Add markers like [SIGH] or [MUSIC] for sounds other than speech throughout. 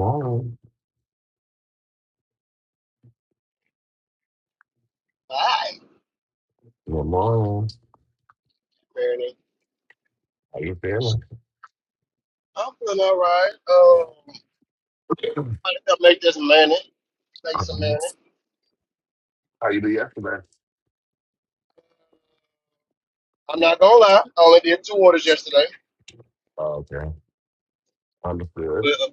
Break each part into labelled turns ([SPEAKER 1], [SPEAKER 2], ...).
[SPEAKER 1] morning.
[SPEAKER 2] Hi,
[SPEAKER 1] Good morning.
[SPEAKER 2] Bernie.
[SPEAKER 1] How you feeling?
[SPEAKER 2] I'm feeling all right. Um,
[SPEAKER 1] [CLEARS THROAT]
[SPEAKER 2] I think I'll make this money, make some money.
[SPEAKER 1] Mhm. How you do yesterday?
[SPEAKER 2] I'm not gonna lie. I only did two orders yesterday,
[SPEAKER 1] Oh, okay. Understood.
[SPEAKER 2] but uh,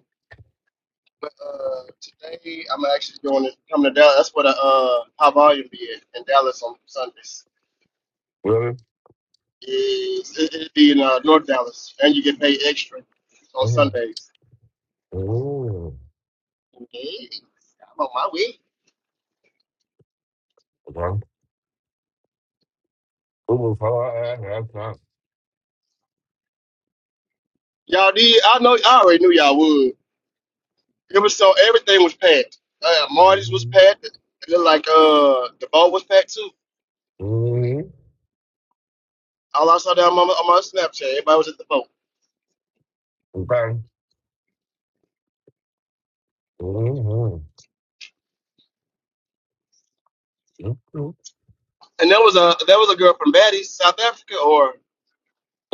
[SPEAKER 2] but, uh, today I'm actually going to come to Dallas. That's what a uh, high volume be in, in Dallas on Sundays.
[SPEAKER 1] Really?
[SPEAKER 2] Is it, it be in uh, North Dallas, and you get paid extra on
[SPEAKER 1] Mm-hmm.
[SPEAKER 2] Sundays.
[SPEAKER 1] Mm-hmm.
[SPEAKER 2] Hey, I'm on my way.
[SPEAKER 1] Okay. It was hard last time.
[SPEAKER 2] Y'all did. I know. I already knew y'all would. It was so everything was packed. Uh, Marty's was
[SPEAKER 1] Mm-hmm.
[SPEAKER 2] packed. It looked like uh the boat was packed too.
[SPEAKER 1] Mm-hmm.
[SPEAKER 2] All I saw down on my, on my Snapchat, everybody was at the boat.
[SPEAKER 1] Okay. Mm-hmm. Mm-hmm.
[SPEAKER 2] And there was a there was a girl from Baddies, South Africa, or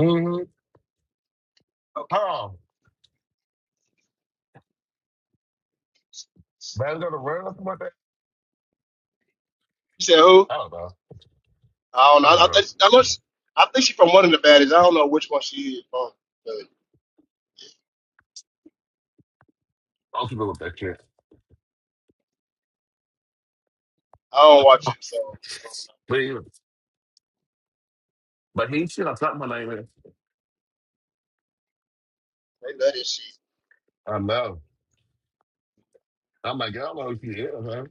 [SPEAKER 1] Mm-hmm.
[SPEAKER 2] okay,
[SPEAKER 1] Oh, man, gonna run or something like that?
[SPEAKER 2] you said who?
[SPEAKER 1] I don't know.
[SPEAKER 2] I don't
[SPEAKER 1] I
[SPEAKER 2] know.
[SPEAKER 1] don't
[SPEAKER 2] I, I,
[SPEAKER 1] know.
[SPEAKER 2] think, I, know she, I think she's from one of the Baddies. I don't know which one she is from. But
[SPEAKER 1] I don't know with that shit.
[SPEAKER 2] I don't watch it, so so
[SPEAKER 1] But he, but he should have talked my name in.
[SPEAKER 2] they love this shit.
[SPEAKER 1] I know. I'm like, I don't know if you hear, man.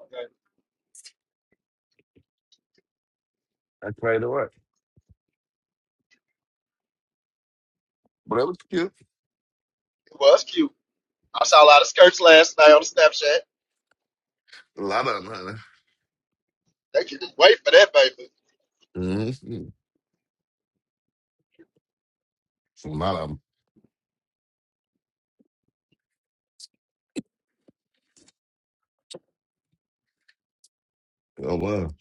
[SPEAKER 2] Okay.
[SPEAKER 1] I played it away. But it was cute.
[SPEAKER 2] It was cute. I saw a lot of skirts last night on Snapchat.
[SPEAKER 1] A lot of them, honey.
[SPEAKER 2] They can wait for that, baby.
[SPEAKER 1] Mm-hmm. A lot of them. Oh well,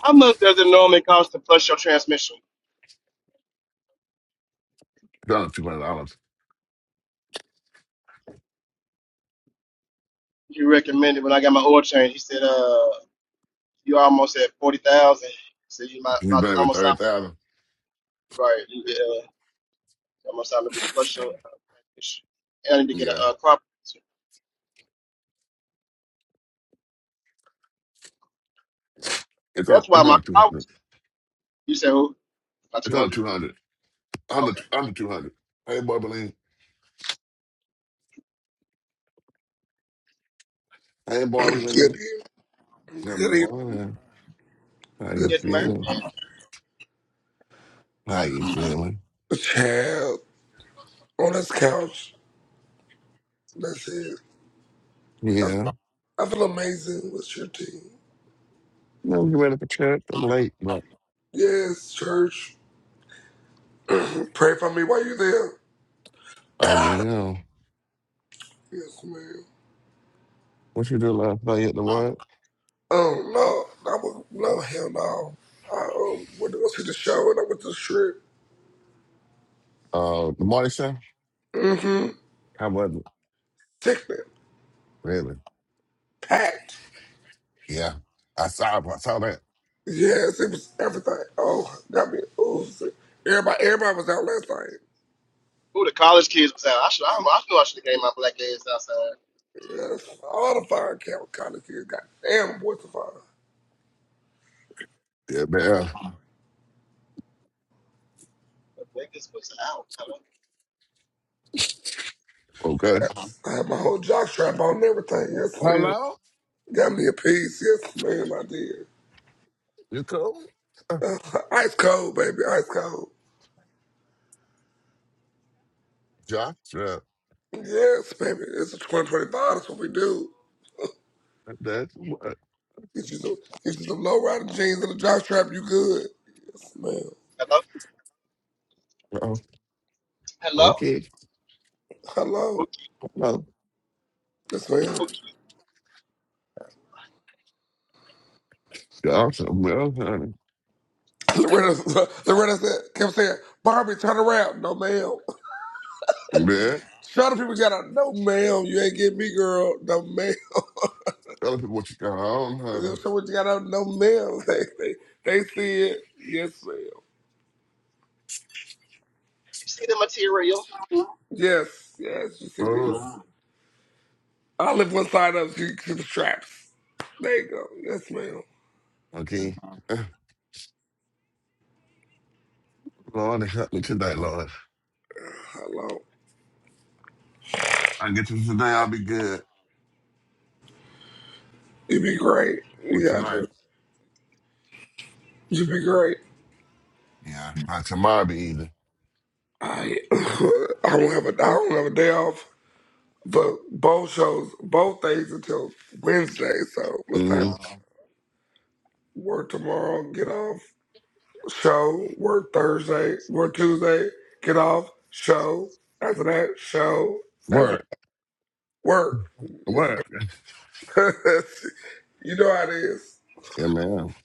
[SPEAKER 2] How much does it normally cost to flush your transmission?
[SPEAKER 1] it's only two hundred dollars.
[SPEAKER 2] He recommended when I got my oil change. He said, "Uh, you almost at forty thousand. So you might
[SPEAKER 1] If you
[SPEAKER 2] about
[SPEAKER 1] bet
[SPEAKER 2] to,
[SPEAKER 1] it with
[SPEAKER 2] almost time
[SPEAKER 1] thirty thousand,
[SPEAKER 2] right. You uh, almost time to reflush your uh, fish. And I need to get a
[SPEAKER 1] yeah,
[SPEAKER 2] uh, crop.
[SPEAKER 1] it's on.
[SPEAKER 2] That's why
[SPEAKER 1] It's
[SPEAKER 2] my
[SPEAKER 1] only two
[SPEAKER 2] I
[SPEAKER 1] hundred.
[SPEAKER 2] was- You said who? About two
[SPEAKER 1] It's only
[SPEAKER 2] hundred.
[SPEAKER 1] two hundred. Under
[SPEAKER 2] Okay.
[SPEAKER 1] under two hundred. Hey, Barbeline. Hey,
[SPEAKER 3] Good
[SPEAKER 1] Barbeline.
[SPEAKER 3] evening.
[SPEAKER 1] Good
[SPEAKER 3] Good evening.
[SPEAKER 1] morning. How
[SPEAKER 3] Good
[SPEAKER 1] you
[SPEAKER 2] Get married.
[SPEAKER 3] evening.
[SPEAKER 1] feeling?
[SPEAKER 2] Man.
[SPEAKER 1] How you feeling?
[SPEAKER 3] Child, on this couch, that's it. I,
[SPEAKER 1] Yeah.
[SPEAKER 3] I feel amazing with your team.
[SPEAKER 1] No, you ready for church? I'm late, but
[SPEAKER 3] Yes, church. Pray for me. Why you there?
[SPEAKER 1] I'm real.
[SPEAKER 3] Yes, ma'am.
[SPEAKER 1] What you do last night at the what?
[SPEAKER 3] Oh, no. I was, no, hell no. I um, went to go see the show and I went to the strip.
[SPEAKER 1] Uh, the morning show.
[SPEAKER 3] Mm-hmm.
[SPEAKER 1] How was it?
[SPEAKER 3] Sickening.
[SPEAKER 1] Really?
[SPEAKER 3] Packed.
[SPEAKER 1] Yeah. I saw. I saw that.
[SPEAKER 3] Yes, it was everything. Oh, got me. Oh, sick. everybody, everybody was out last night.
[SPEAKER 2] Who the college kids was out? I should. I, I knew I should have gave my black ass outside.
[SPEAKER 3] Yes, all the fire camp college kids got damn voice of fire.
[SPEAKER 1] Yeah, man.
[SPEAKER 2] The niggas was out. Hello.
[SPEAKER 1] Okay.
[SPEAKER 3] I had my whole jock strap on and everything. Yes, ma'am.
[SPEAKER 1] Hello.
[SPEAKER 3] Got me a piece. Yes, ma'am, I did. [LAUGHS]
[SPEAKER 1] You cool?
[SPEAKER 3] Uh, ice cold, baby. Ice cold.
[SPEAKER 1] Josh? Yeah.
[SPEAKER 3] Yes, baby. It's a 2025. That's what we do.
[SPEAKER 1] That's what.
[SPEAKER 3] Get you some, get you some low rider jeans and a jock strap. You good. Yes, ma'am.
[SPEAKER 2] Hello.
[SPEAKER 1] Oh,
[SPEAKER 2] Hello.
[SPEAKER 1] okay.
[SPEAKER 3] Hello.
[SPEAKER 2] Who,
[SPEAKER 1] Well,
[SPEAKER 3] Yes,
[SPEAKER 2] who,
[SPEAKER 3] ma'am.
[SPEAKER 1] awesome. Well, honey.
[SPEAKER 3] [LAUGHS] Loretta, Loretta said, kept saying, Barbie, turn around. No, ma'am.
[SPEAKER 1] Yeah.
[SPEAKER 3] [LAUGHS] Shut up, people got out. No, ma'am. You ain't get me, girl. No, ma'am.
[SPEAKER 1] Tell people what you got on, honey.
[SPEAKER 3] If someone got out no mail, [LAUGHS] they, they, they see it. Yes, ma'am.
[SPEAKER 2] you see the material?
[SPEAKER 3] Yes, yes, you see this.
[SPEAKER 1] Lord.
[SPEAKER 3] Uh-huh. Olive was side up to, to the straps. There you go. Yes, ma'am.
[SPEAKER 1] Okay. [SIGHS] Uh, Lord, help me tonight, Lord.
[SPEAKER 3] Hello.
[SPEAKER 1] I get you today, I'll be good.
[SPEAKER 3] You'd be great.
[SPEAKER 1] Or
[SPEAKER 3] You got
[SPEAKER 1] tonight.
[SPEAKER 3] to. You'd be great.
[SPEAKER 1] Yeah. Not tomorrow, be either.
[SPEAKER 3] I [LAUGHS] I don't have a I don't have a day off for both shows, both days until Wednesday. So let's
[SPEAKER 1] Mm-hmm.
[SPEAKER 3] not work tomorrow. Get off. show, work Thursday, work Tuesday, get off, show, after that, show, after
[SPEAKER 1] Work.
[SPEAKER 3] that, work. It's like-
[SPEAKER 1] Work.
[SPEAKER 3] [LAUGHS] you know how it is.
[SPEAKER 1] Yeah, man.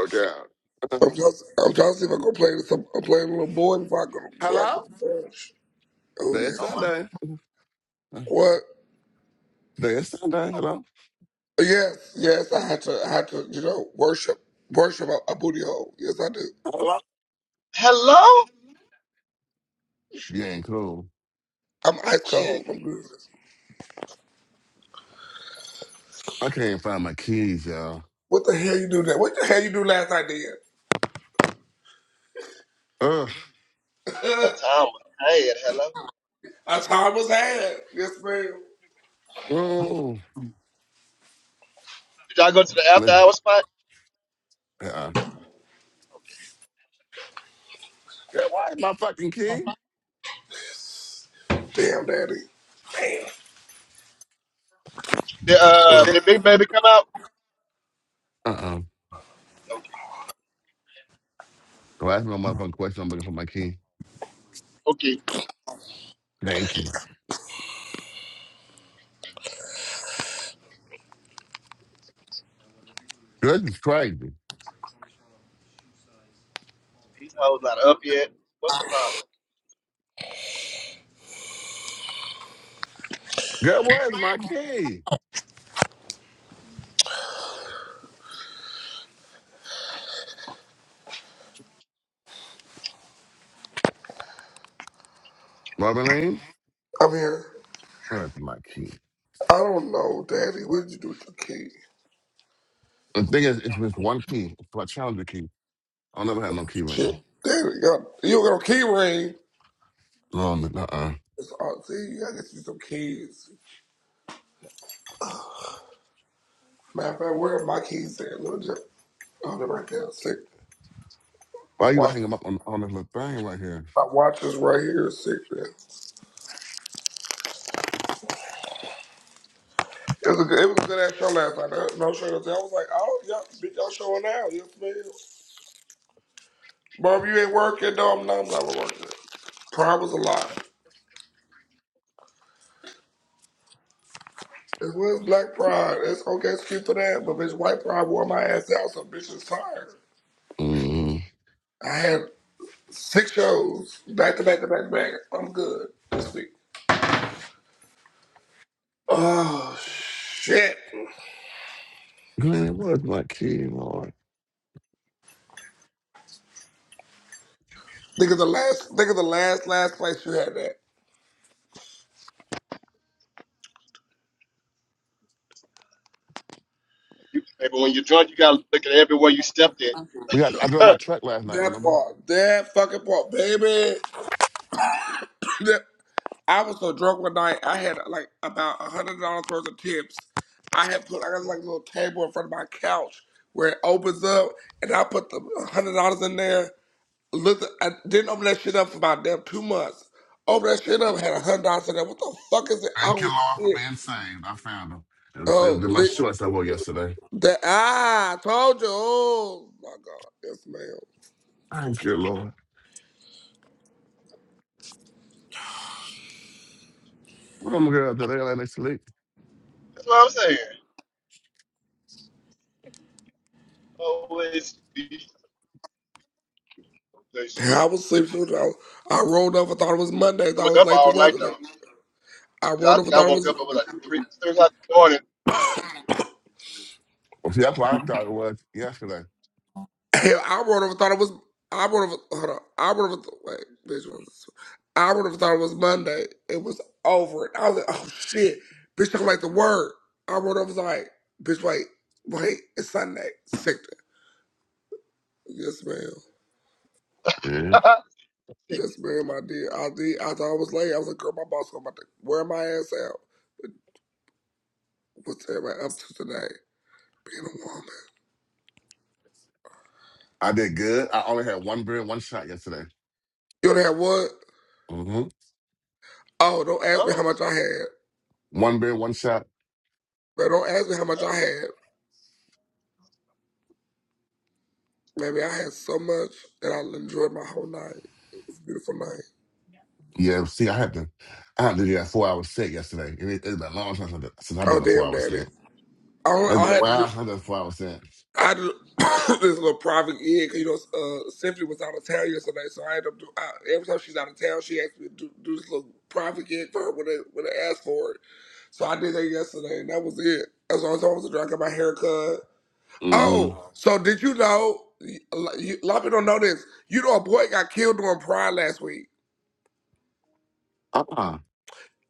[SPEAKER 1] Okay. [CLEARS THROAT] Uh,
[SPEAKER 3] I'm just, I'm trying to see if I can play this. I'm, I'm playing a little boy if I can, if I
[SPEAKER 1] Hello?
[SPEAKER 3] can dance. Oh
[SPEAKER 1] Today is
[SPEAKER 2] Oh
[SPEAKER 3] yes.
[SPEAKER 2] my.
[SPEAKER 1] Sunday. [SIGHS] Uh,
[SPEAKER 3] What?
[SPEAKER 1] Today is Sunday. Hello?
[SPEAKER 3] Yes, yes. I had to, I had to, you know, worship, worship a, a booty hole. Yes, I do.
[SPEAKER 1] Hello?
[SPEAKER 2] Hello.
[SPEAKER 1] She ain't cool.
[SPEAKER 3] I'm ice
[SPEAKER 2] She ain't.
[SPEAKER 3] cold. I'm good.
[SPEAKER 1] I can't find my keys, y'all.
[SPEAKER 3] What the hell you do that? What the hell you do last night, then?
[SPEAKER 1] Uh,
[SPEAKER 3] [LAUGHS]
[SPEAKER 2] That time was bad. Hello.
[SPEAKER 3] I time was had. Yes, ma'am.
[SPEAKER 1] oh.
[SPEAKER 2] Did y'all go to the after
[SPEAKER 1] Let's-
[SPEAKER 2] hour spot?
[SPEAKER 1] Yeah.
[SPEAKER 2] Okay.
[SPEAKER 1] Girl, why is my fucking key?
[SPEAKER 3] Damn, daddy.
[SPEAKER 2] The, uh, did Big Baby come out?
[SPEAKER 1] Uh-uh.
[SPEAKER 2] Okay.
[SPEAKER 1] Don't ask me no motherfucking question. I'm looking for my key.
[SPEAKER 2] Okay.
[SPEAKER 1] Thank you. Girl, this is crazy.
[SPEAKER 2] These hoes not up yet. What's the problem?
[SPEAKER 1] Girl, where's my key? Robin Lane?
[SPEAKER 3] I'm here.
[SPEAKER 1] Where's my key?
[SPEAKER 3] I don't know, Daddy. What did you do with your key?
[SPEAKER 1] The thing is, it's just one key. It's my challenger key. I'll never have no key ring.
[SPEAKER 3] Shit, Daddy, got, you got a key ring.
[SPEAKER 1] Um, uh-uh.
[SPEAKER 3] It's all, see, you gotta get you some keys. Matter of fact, where are my keys at? Look, just, oh, they're right there. Sick. My
[SPEAKER 1] Why you gonna
[SPEAKER 3] watch,
[SPEAKER 1] hang 'em up on, on this little thing right here?
[SPEAKER 3] my watch is right here. Sick. Man. It was a good, it was a good ass show last night. There- was No shit. I was like, oh, y'all, bitch, y'all showing out? Yes, ma'am. Bob, you ain't working. No, I'm not. I'm not working. Pride was a lie. It was black pride. It's okay, it's cute for that, but bitch, white pride wore my ass out, so bitch is tired.
[SPEAKER 1] Mm.
[SPEAKER 3] I had six shows back to back to back to back. I'm good this week. Oh shit!
[SPEAKER 1] Man, where's my key, Lord?
[SPEAKER 3] Think of the last. Think of the last last place you had that.
[SPEAKER 2] You, baby, when you're drunk, you gotta look at everywhere you stepped in. [LAUGHS]
[SPEAKER 1] We got, I dropped
[SPEAKER 2] Huh,
[SPEAKER 1] my truck last night,
[SPEAKER 3] That
[SPEAKER 1] remember?
[SPEAKER 3] part. That fucking part, baby. [LAUGHS] That- I was so drunk one night. I had like about a hundred dollars worth of tips. I had put. I got like a little table in front of my couch where it opens up, and I put the hundred dollars in there. Looked, I didn't open that shit up for about damn two months. Opened that shit up, had a hundred dollars in there. What the fuck is it?
[SPEAKER 1] Thank
[SPEAKER 3] Oh
[SPEAKER 1] you, Lord, for
[SPEAKER 3] shit!
[SPEAKER 1] being saved. I found them. They they- they were
[SPEAKER 3] Oh,
[SPEAKER 1] my
[SPEAKER 3] the,
[SPEAKER 1] shorts I wore yesterday.
[SPEAKER 3] the ah, I told you. Oh my god, yes ma'am.
[SPEAKER 1] Thank you, Lord. What am I gonna do? They let me sleep.
[SPEAKER 2] That's what I'm saying. Always be. always be.
[SPEAKER 3] And I was sleeping. I, I rolled up. I thought it was Monday. I
[SPEAKER 2] It
[SPEAKER 3] thought I
[SPEAKER 2] was
[SPEAKER 3] was
[SPEAKER 2] up
[SPEAKER 3] late to
[SPEAKER 2] all
[SPEAKER 3] work.
[SPEAKER 2] night
[SPEAKER 3] Like,
[SPEAKER 2] though.
[SPEAKER 3] I
[SPEAKER 2] 'Cause
[SPEAKER 3] rolled
[SPEAKER 2] I
[SPEAKER 3] up. I
[SPEAKER 2] think I
[SPEAKER 3] thought it
[SPEAKER 2] woke up. It was
[SPEAKER 3] was.
[SPEAKER 2] like three, three o'clock in the morning.
[SPEAKER 1] Well, see, that's what I thought it was yesterday.
[SPEAKER 3] [COUGHS] I would have thought it was. I would have. Hold on. I would have. Wait, bitch. what Was, I would have thought it was Monday. It was over. And I was like, oh shit, bitch. I'm like the word. I would have was like, bitch. Wait, wait. It's Sunday. Sector. Yes, ma'am.
[SPEAKER 2] [LAUGHS]
[SPEAKER 1] hmm
[SPEAKER 3] Yes, ma'am. I did. I did. I thought I was late. I was like, girl, my boss going to about to wear my ass out. What's everybody up to today? Being a woman.
[SPEAKER 1] I did good. I only had one beer, and one shot yesterday.
[SPEAKER 3] You done had what?
[SPEAKER 1] hmm
[SPEAKER 3] Oh, don't ask me how
[SPEAKER 2] oh,
[SPEAKER 3] much I had.
[SPEAKER 1] One beer, one shot.
[SPEAKER 3] But don't ask me how much I had. Maybe I had so much that I enjoyed my whole night. Beautiful night.
[SPEAKER 1] Yeah. See, I had to, I had to do that four hour set yesterday. It, it's been a long time since I since I
[SPEAKER 3] Oh
[SPEAKER 1] done a four
[SPEAKER 3] damn,
[SPEAKER 1] hour
[SPEAKER 3] daddy.
[SPEAKER 1] set.
[SPEAKER 3] I
[SPEAKER 1] It's
[SPEAKER 3] don't,
[SPEAKER 1] been
[SPEAKER 3] I
[SPEAKER 1] a
[SPEAKER 3] had to do.
[SPEAKER 1] while since I done a four hour set.
[SPEAKER 3] I had to do [COUGHS] this little private gig. 'cause, You know, uh, Symphony was out of town yesterday, so I ended up doing. I, every time she's out of town, she asked me to do, do this little private gig for her when I when I asked for it. So I did that yesterday, and that was it. As long as I was there, I got my hair cut.
[SPEAKER 1] hmm
[SPEAKER 3] Oh, so did you know? y- A lot a lot of people don't know this. You know, a boy got killed during Pride last week.
[SPEAKER 1] Uh-uh.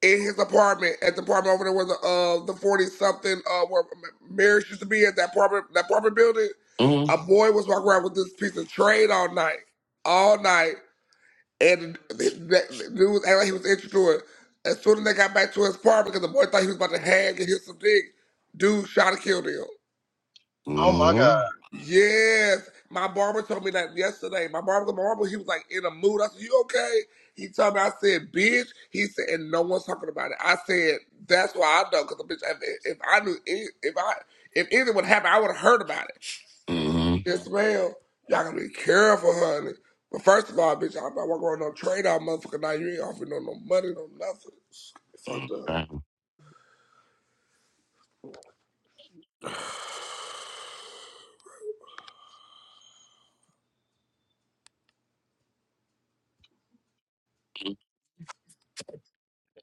[SPEAKER 3] in his apartment at the apartment over there where the uh the forty something uh where M- Marriage used to be at that apartment that apartment building.
[SPEAKER 1] hmm
[SPEAKER 3] A boy was walking around with this piece of trade all night, all night, and the, the, the dude was acting like he was interested to it. As soon as they got back to his apartment, because the boy thought he was about to hang and hit some dick, dude shot and killed him.
[SPEAKER 2] oh my
[SPEAKER 1] hmm
[SPEAKER 2] God.
[SPEAKER 3] Yes, my barber told me that yesterday. My barber, my barber, he was like in a mood. I said, "You okay?" He told me. I said, "Bitch." He said, and no one's talking about it. I said, "That's why I know, because bitch, if, if I knew, any- if I, if anything would happen, I would have heard about it."
[SPEAKER 1] hmm
[SPEAKER 3] Yes, ma'am. Y'all gotta be careful, honey. But first of all, bitch, I'm not working on no trade off, motherfucker. Now you ain't offering no no money, no nothing. It's Fucked up.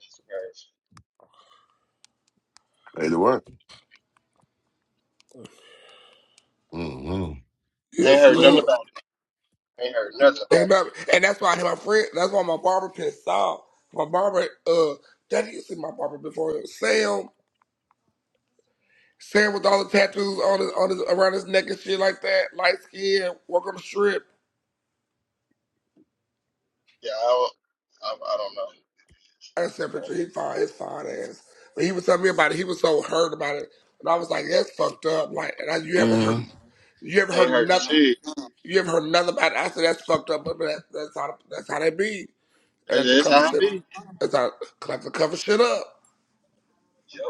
[SPEAKER 2] Jesus Christ.
[SPEAKER 1] Ready to work. hmm
[SPEAKER 2] I ain't
[SPEAKER 3] Yes,
[SPEAKER 2] heard nothing
[SPEAKER 3] ma'am.
[SPEAKER 2] about it. ain't heard nothing about
[SPEAKER 3] And,
[SPEAKER 2] it.
[SPEAKER 3] that- and that's why my friend, that's why my barber pissed off. My barber, uh, Daddy, you see my barber before Sam. Sam with all the tattoos on his, on his around his neck and shit like that, light skin, work on the strip.
[SPEAKER 2] Yeah, I don't. I, I don't know.
[SPEAKER 3] I
[SPEAKER 2] I
[SPEAKER 3] sent a picture, he fine, his fine ass. But he was telling me about it. He was so hurt about it, and I was like, that's fucked up. Like, and I, you not heard,
[SPEAKER 1] hmm
[SPEAKER 3] you haven't
[SPEAKER 2] don't- ain't
[SPEAKER 3] heard
[SPEAKER 2] heard
[SPEAKER 3] nothing,
[SPEAKER 2] shit.
[SPEAKER 3] you haven't heard nothing about it? I said, that's fucked up, but that, that's how that's how they be. And I
[SPEAKER 2] That's,
[SPEAKER 3] have to
[SPEAKER 2] that's
[SPEAKER 3] cover
[SPEAKER 2] how I
[SPEAKER 3] shit.
[SPEAKER 2] be.
[SPEAKER 3] That's how, 'cause I have to cover shit up.
[SPEAKER 2] Yep.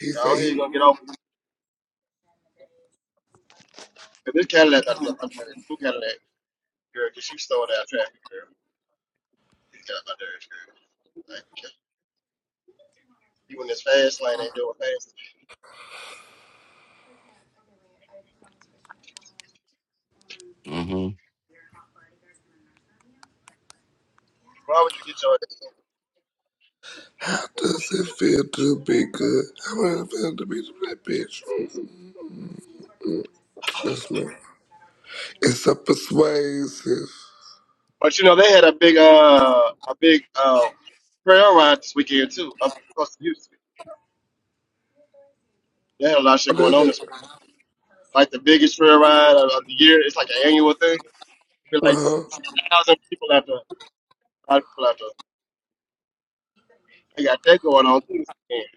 [SPEAKER 3] He
[SPEAKER 2] Go
[SPEAKER 3] said
[SPEAKER 2] ahead. You
[SPEAKER 3] he.
[SPEAKER 2] gonna get on? And this Cadillac about to get up under her. Who Cadillac? Girl, because you stole that traffic, girl. You got up under her, girl. Like, you in this fast lane ain't doing fast.
[SPEAKER 1] hmm
[SPEAKER 2] Why would you get your
[SPEAKER 3] How does it feel to be good? How does it feel to be that bitch? Mm-mm. That's me. It's a persuasive.
[SPEAKER 2] But you know, they had a big uh a big uh trail ride this weekend too, up across the Houston. They had a lot of shit
[SPEAKER 3] What
[SPEAKER 2] going
[SPEAKER 3] is
[SPEAKER 2] on
[SPEAKER 3] it?
[SPEAKER 2] this week. Like the biggest trail ride of, of the year. It's like an annual thing. Be like
[SPEAKER 3] Uh huh.
[SPEAKER 2] six thousand people out there. A lot of people out there. They got that going on too this weekend.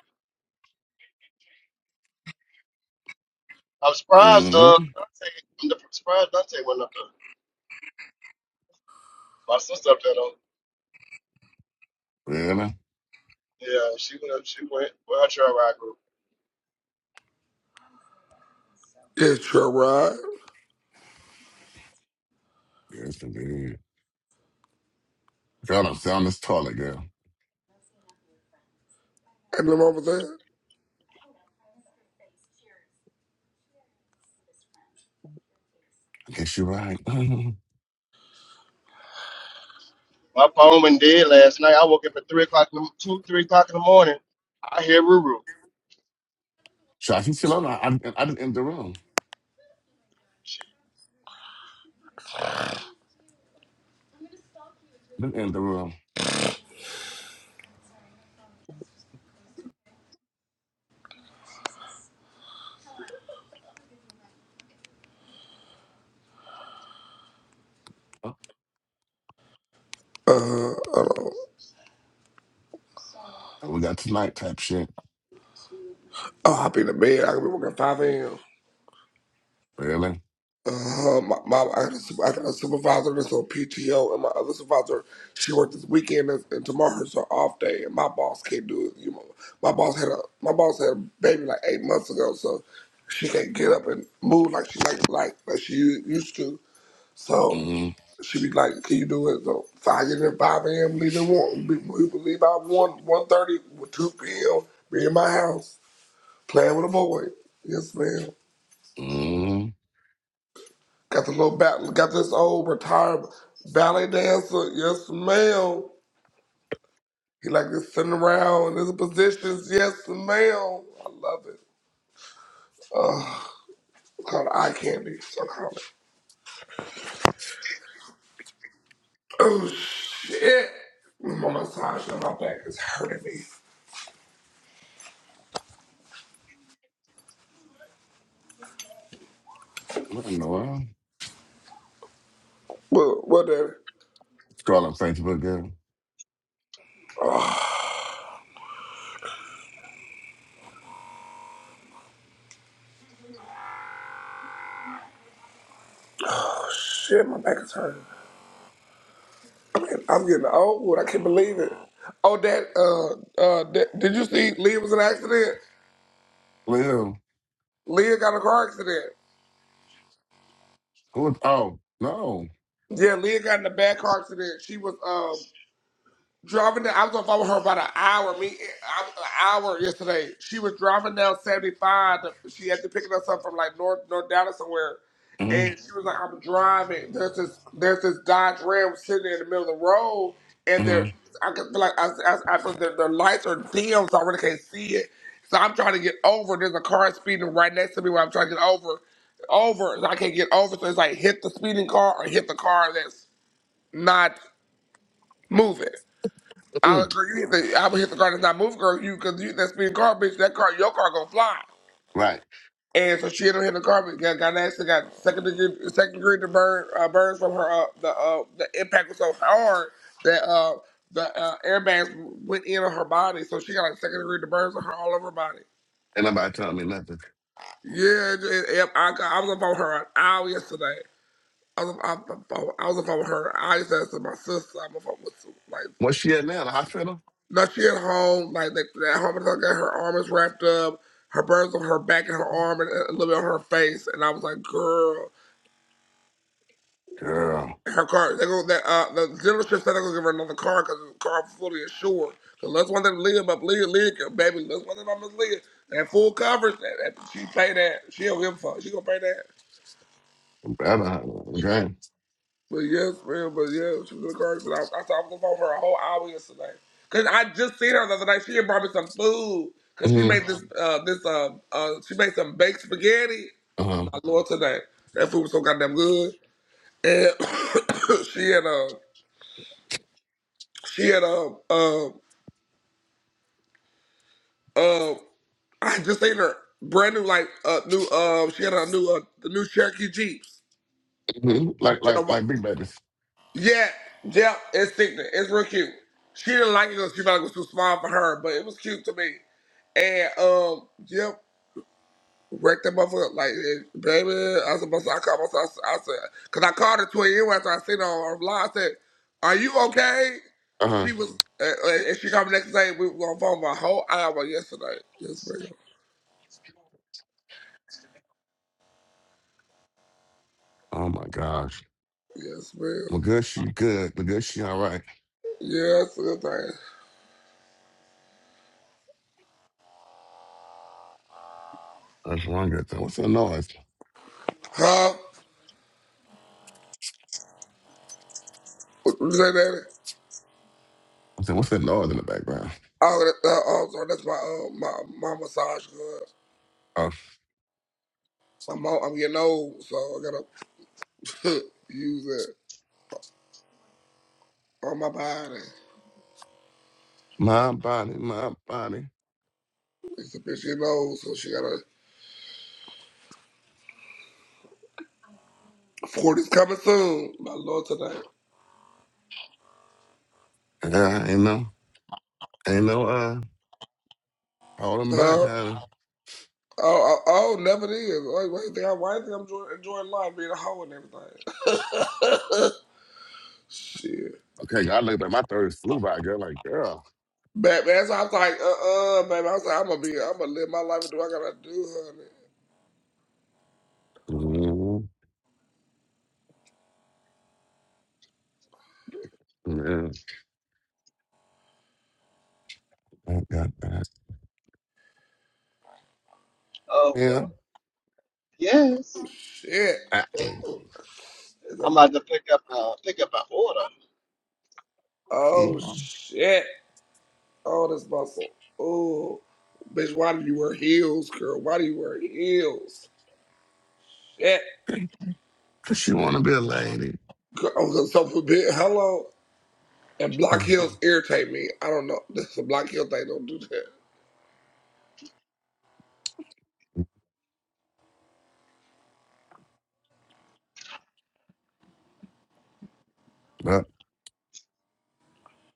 [SPEAKER 2] I'm surprised
[SPEAKER 1] hmm
[SPEAKER 2] uh Dante I'm surprised Dante went up there. My sister up there though.
[SPEAKER 1] Really?
[SPEAKER 2] Yeah, she went. She went with her trail ride group.
[SPEAKER 3] It's your ride.
[SPEAKER 1] Yes, indeed. Girl, I'm sound this toilet, girl.
[SPEAKER 3] And then over there.
[SPEAKER 1] I guess you're right. [LAUGHS]
[SPEAKER 2] My phone went dead last night. I woke up at three o'clock, in the, two, three o'clock in the morning. I hear Ruru.
[SPEAKER 1] Shots, you still on? I, I, I didn't end the room. I didn't end the room. Oh,
[SPEAKER 3] Uh huh. Oh,
[SPEAKER 1] we got tonight type shit.
[SPEAKER 3] I'll be in the bed. I can be working at 5 a.m.
[SPEAKER 1] Really?
[SPEAKER 3] Uh, my, my I, had a, sup- I got a supervisor that's on PTO, and my other supervisor she worked this weekend, and, and tomorrow's her off day, and my boss can't do it. You know, my boss had a my boss had a baby like eight months ago, so she can't get up and move like she like like like she u- used to. So
[SPEAKER 1] Mm,
[SPEAKER 3] she be like, "Can you do it?" So so I get in at five a.m. leave at one. we You can leave out one one thirty, two p.m. Be in my house playing with a boy. Yes, ma'am.
[SPEAKER 1] mm.
[SPEAKER 3] Got the little bat, got this old retired ballet dancer. Yes, ma'am. He like this sitting around in his positions. Yes, ma'am. I love it. It's called eye candy. That's what I call it. Oh shit! My massage on my back is hurting me.
[SPEAKER 1] What in the world?
[SPEAKER 3] What? What? Daddy?
[SPEAKER 1] Scroll on Facebook, girl.
[SPEAKER 3] Oh shit! My back is hurting. I'm getting, I'm getting old. I can't believe it. Oh, that. Uh, uh. That, did you see? Leah was in an accident.
[SPEAKER 1] Well,
[SPEAKER 3] Leah got in a car accident.
[SPEAKER 1] who was, oh, no.
[SPEAKER 3] Yeah, Leah got in a bad car accident. She was. um driving down. I was on the phone with her about an hour. Me, I, an hour yesterday. She was driving down seventy five. She had to pick up something from like North North Dallas somewhere,
[SPEAKER 1] Mm,
[SPEAKER 3] and she was like, "I'm driving." There's this there's this Dodge Ram sitting in the middle of the road, and they're
[SPEAKER 1] mm,
[SPEAKER 3] I can feel like I, I, I feel their, their lights are dim, so I really can't see it. So I'm trying to get over. There's a car speeding right next to me where I'm trying to get over, over. and I can't get over. So it's like hit the speeding car or hit the car that's not moving. I
[SPEAKER 1] mm.
[SPEAKER 3] agree. You hit the, I would hit the car that's not move, girl. You because you hit that speeding car, bitch. That car, your car gonna fly.
[SPEAKER 1] Right.
[SPEAKER 3] And so she ended up hitting the car, but got, got an accident, got second degree, second degree to burn, uh, burns from her. Uh, the uh, the impact was so hard that uh, the uh, airbags went in on her body, so she got like second degree to burns on her all over her body.
[SPEAKER 1] Ain't nobody telling me nothing.
[SPEAKER 3] Yeah, it- it- yep. I, got- I was on the phone with her an hour yesterday. I was, I, I, I was on the phone with her. I used to ask my sister. I'm on the phone with like
[SPEAKER 1] Where's she at now? The hospital?
[SPEAKER 3] No, she at home, like, that. at home, and got her arm is wrapped up, her burns on her back and her arm, and a little bit on her face. And I was like, girl,
[SPEAKER 1] Girl,
[SPEAKER 3] her car. They go that uh, the dealership said they're gonna give her another car because the car was fully insured. Cause let's one thing live up, live, live, baby. Let's one thing I'm live. That full coverage, that, that she pay that. She don't give a fuck. She gonna pay that.
[SPEAKER 1] better. Okay.
[SPEAKER 3] But yes, man, but yeah, she was in a car accident. I, I talked on the phone for a whole hour yesterday. Cause I just seen her the other night. She had brought me some food. Cause she
[SPEAKER 1] Mm,
[SPEAKER 3] made this Um, uh this uh, uh she made some baked spaghetti.
[SPEAKER 1] uh-huh.
[SPEAKER 3] My lord today. That food was so goddamn good. And [COUGHS] she had uh she had um um um I just seen her brand new like uh new uh she had a new uh the new Cherokee Jeeps.
[SPEAKER 1] Mm, like, like, like big babies.
[SPEAKER 3] Yeah, yeah, it's sickening. It's real cute. She didn't like it because she felt like it was too small for her, but it was cute to me. And um, yep, wrecked that motherfucker. Like, eh, baby, I was supposed to, I called myself, I said, because I called her 20 years after I seen her on her live. I said, Are you okay?
[SPEAKER 1] Uh-huh.
[SPEAKER 3] She was, uh, uh, and she called me next day. We were on the phone for a whole hour yesterday. Yes, ma'am.
[SPEAKER 1] Oh my gosh.
[SPEAKER 3] Yes, ma'am.
[SPEAKER 1] Well, good, she good. Well, good, she all right.
[SPEAKER 3] Yes, good thing.
[SPEAKER 1] That's one good thing. What's that noise?
[SPEAKER 3] Huh? What you say, baby?
[SPEAKER 1] I said, what's that noise in the background?
[SPEAKER 3] Oh, that- uh, oh, so that's my, uh, my, my massage good.
[SPEAKER 1] Oh,
[SPEAKER 3] I'm old, I'm getting old, so I gotta [LAUGHS] use it on my body.
[SPEAKER 1] my body, my body.
[SPEAKER 3] It's a bitch getting old, so she gotta. 40's coming soon. My lord today.
[SPEAKER 1] Yeah, ain't no, ain't no, uh, holding back,
[SPEAKER 3] Huh?
[SPEAKER 1] honey.
[SPEAKER 3] Oh, oh, oh, never it is. Like, why do you think, I, why do you think I'm enjoying, enjoying life, being a hoe and everything? [LAUGHS] Shit.
[SPEAKER 1] Okay, I look like my third flew by, girl. Like, girl.
[SPEAKER 3] Batman, so I was like, uh-uh, baby. I was like, I'm gonna be, I'm gonna live my life and do what I gotta do,
[SPEAKER 1] hmm Yeah, I got that.
[SPEAKER 2] Oh
[SPEAKER 1] Yeah,
[SPEAKER 2] God. Yes.
[SPEAKER 3] honey. Shit.
[SPEAKER 1] I ain't
[SPEAKER 3] It's a
[SPEAKER 2] I'm
[SPEAKER 3] mo-
[SPEAKER 2] about to pick up. Uh, pick up my order.
[SPEAKER 1] okay.
[SPEAKER 3] oh, shit. Oh, that's muscle. Oh, bitch, why do you wear heels, girl? Why do you wear heels? Shit.
[SPEAKER 1] Cause you wanna be a lady.
[SPEAKER 3] Girl, I'm gonna so forbid. Hello. And block
[SPEAKER 1] Huh.
[SPEAKER 3] heels irritate me. I don't know. This is a block heel thing. Don't do that.
[SPEAKER 1] But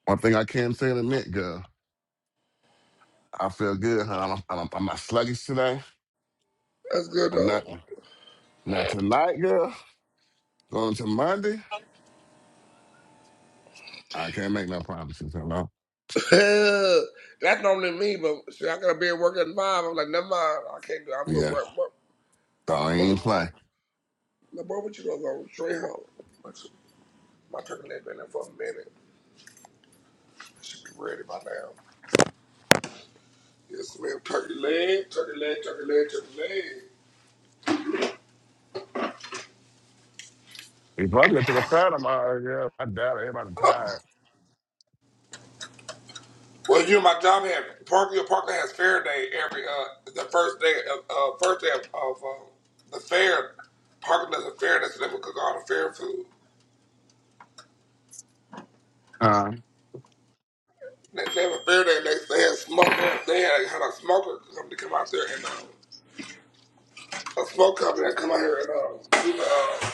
[SPEAKER 1] one thing I can say and admit, girl, I feel good, honey. I'm, I'm, I'm not sluggish today.
[SPEAKER 3] That's good
[SPEAKER 1] I'm
[SPEAKER 3] though.
[SPEAKER 1] not. Now tonight, girl, going to Monday, I can't make no promises. Hello.
[SPEAKER 3] [LAUGHS] that's normally me, but shit, I gotta be at work at five. I'm like, never mind. I can't do. It. I'm gonna
[SPEAKER 1] Yeah,
[SPEAKER 3] work. What?
[SPEAKER 1] so I
[SPEAKER 3] What? would-
[SPEAKER 1] ain't play.
[SPEAKER 3] Now, boy, what you gonna go straight home? My my turkey leg been there for a minute. I should be ready by now. Yes, ma'am. Turkey leg, turkey leg, turkey leg, turkey leg.
[SPEAKER 1] He probably got to the third of my yeah. I doubt it. Everybody tired.
[SPEAKER 3] Well, you know, my job had Parker. Parker has fair day every uh the first day of uh, first day of, of uh, the fair. Parker does a fair. day, so they would cook all the fair food.
[SPEAKER 1] Uh
[SPEAKER 3] They, they have a fair day. They, they had smoke. They had, had a smoker company come out there and uh, a smoke company that come out here and uh, do the, uh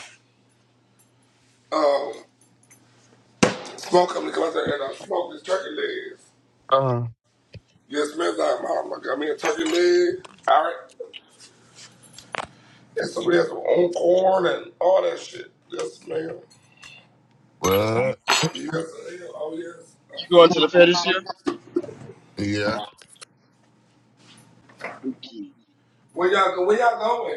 [SPEAKER 3] smoke company come out there and uh, smoke these turkey legs.
[SPEAKER 1] uh.
[SPEAKER 3] Yes, man. I'm out. I got me a turkey leg. All right. And somebody has some own corn and all that shit. Yes, ma'am.
[SPEAKER 1] What?
[SPEAKER 3] Yes, ma'am. Oh
[SPEAKER 2] You going to
[SPEAKER 3] yes.
[SPEAKER 2] the fair this year?
[SPEAKER 1] Yeah.
[SPEAKER 2] Okay.
[SPEAKER 3] Where y'all go? Where y'all going?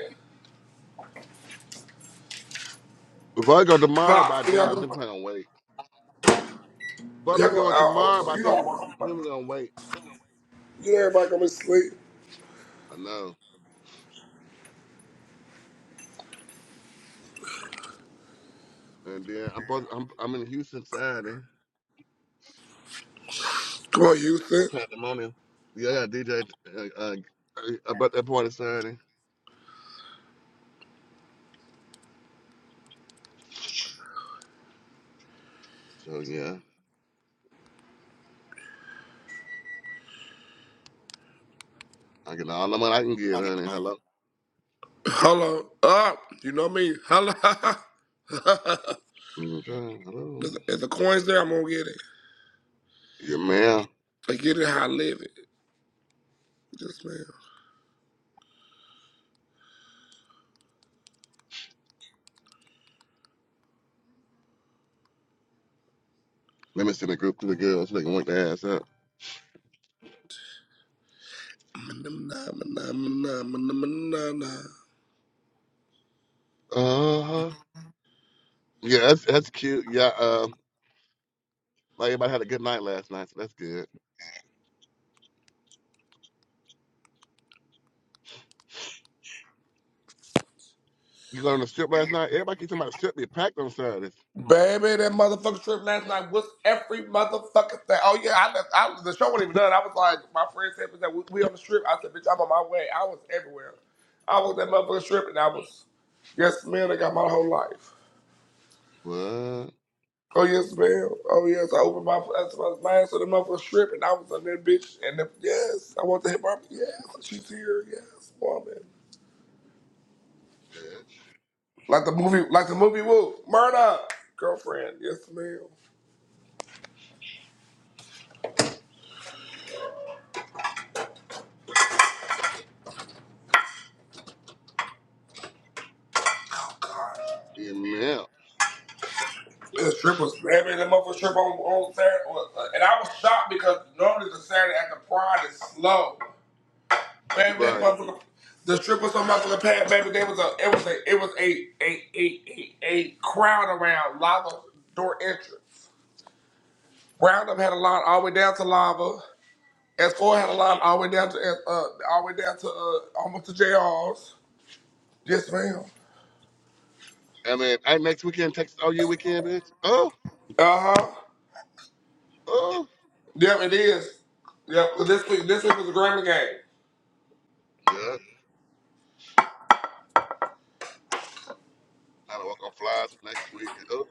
[SPEAKER 1] we probably go tomorrow, but I
[SPEAKER 3] Pop, where y'all
[SPEAKER 1] doubt it.
[SPEAKER 3] going?
[SPEAKER 1] They're probably gonna wait.
[SPEAKER 3] Y'all
[SPEAKER 1] Probably
[SPEAKER 3] go
[SPEAKER 1] going
[SPEAKER 3] out
[SPEAKER 1] tomorrow,
[SPEAKER 3] Alto.
[SPEAKER 1] but I
[SPEAKER 3] You don't
[SPEAKER 1] think
[SPEAKER 3] want
[SPEAKER 1] I
[SPEAKER 3] nobody.
[SPEAKER 1] think we're gonna wait.
[SPEAKER 3] You know everybody coming to sleep.
[SPEAKER 1] I know. And then I'm supposed, I'm I'm in Houston Saturday
[SPEAKER 3] Come on,
[SPEAKER 1] for
[SPEAKER 3] Houston.
[SPEAKER 1] Pandemonium. Yeah, I got DJ uh, uh, uh, about that party Saturday. So yeah, I get all the money I can get, honey. Hello,
[SPEAKER 3] Hello. Up. You know me. Hello. [LAUGHS]
[SPEAKER 1] okay, hello.
[SPEAKER 3] if is the coins there? I'm gonna get it.
[SPEAKER 1] Yeah, ma'am.
[SPEAKER 3] I get it how I live it. Just
[SPEAKER 1] Let me send a group to the girls so they can work their ass up.
[SPEAKER 3] man.
[SPEAKER 1] Uh Yeah, that's that's cute. Yeah, uh, like everybody had a good night last night, so that's good. You go on the strip last night? Everybody keeps talking about the strip being packed on Saturdays.
[SPEAKER 3] Baby, that motherfucking trip last night was every motherfucking thing. Oh yeah, I, left, I the show wasn't even done. I was like, my friend said that we, we on the strip. I said, bitch, I'm on my way. I was everywhere. I was that motherfucking strip, and I was, yes, man. I got my whole life.
[SPEAKER 1] What?
[SPEAKER 3] Oh yes, ma'am. Oh yes, I opened my that's my mind to the motherfucking strip, and I was on that bitch. And the, yes, I want to hit Barbie. Yes, she's here. Yes, woman.
[SPEAKER 1] Bitch.
[SPEAKER 3] Like the movie, like the movie Wolf. Murder, girlfriend. Yes, ma'am.
[SPEAKER 1] Yeah, man.
[SPEAKER 3] The strip was every the motherfucker strip on, on Saturday, on- and I was shocked because normally the Saturday after Pride is slow. Baby, that
[SPEAKER 1] Right.
[SPEAKER 3] motherfucker, the strip was so motherfucking packed. Baby, there was a it was a it was a a a a, a crowd around lava door entrance. Roundup had a line all the way down to lava. S4 had a line all the way down to uh all the way down to uh almost to J R's. Yes, ma'am.
[SPEAKER 1] I mean, I next weekend, Texas OU weekend, bitch. Oh,
[SPEAKER 3] Uh huh.
[SPEAKER 1] oh.
[SPEAKER 3] Yep, it is. Yep. This week, this week was a Grammy game.
[SPEAKER 1] Yeah. Trying to walk on flies for next week. Oh,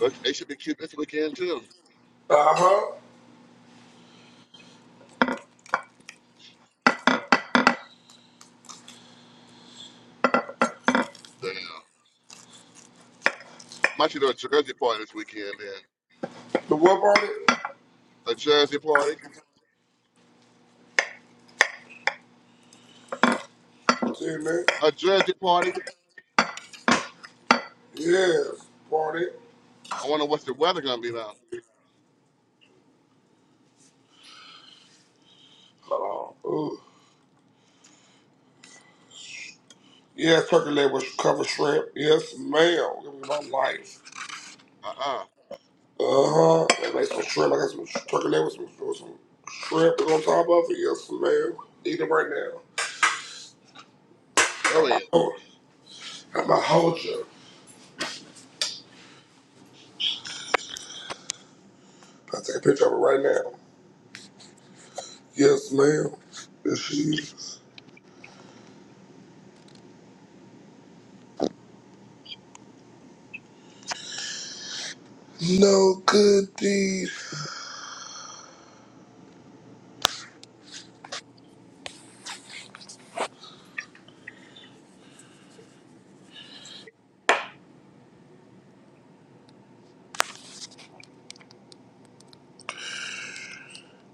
[SPEAKER 1] but they should be cute this weekend, too.
[SPEAKER 3] Uh huh.
[SPEAKER 1] Damn. Might should do a Jersey party this weekend, then.
[SPEAKER 3] The what party?
[SPEAKER 1] A Jersey party.
[SPEAKER 3] See, man?
[SPEAKER 1] A Jersey party.
[SPEAKER 3] Yes, party.
[SPEAKER 1] I wonder what's the weather going to be now.
[SPEAKER 3] Hold on. Ooh. Yes, turkey leg with covered shrimp. Yes, ma'am. Give me my life.
[SPEAKER 1] Uh-uh.
[SPEAKER 3] Uh huh. I made some shrimp. I got some sh- turkey leg with some, with some shrimp on top of it. Yes, ma'am. Eat it right now.
[SPEAKER 1] Go
[SPEAKER 3] Got my
[SPEAKER 1] ahead.
[SPEAKER 3] whole, got my whole jug. I take a picture of it right now. Yes, ma'am. Yes, she is. No good deed.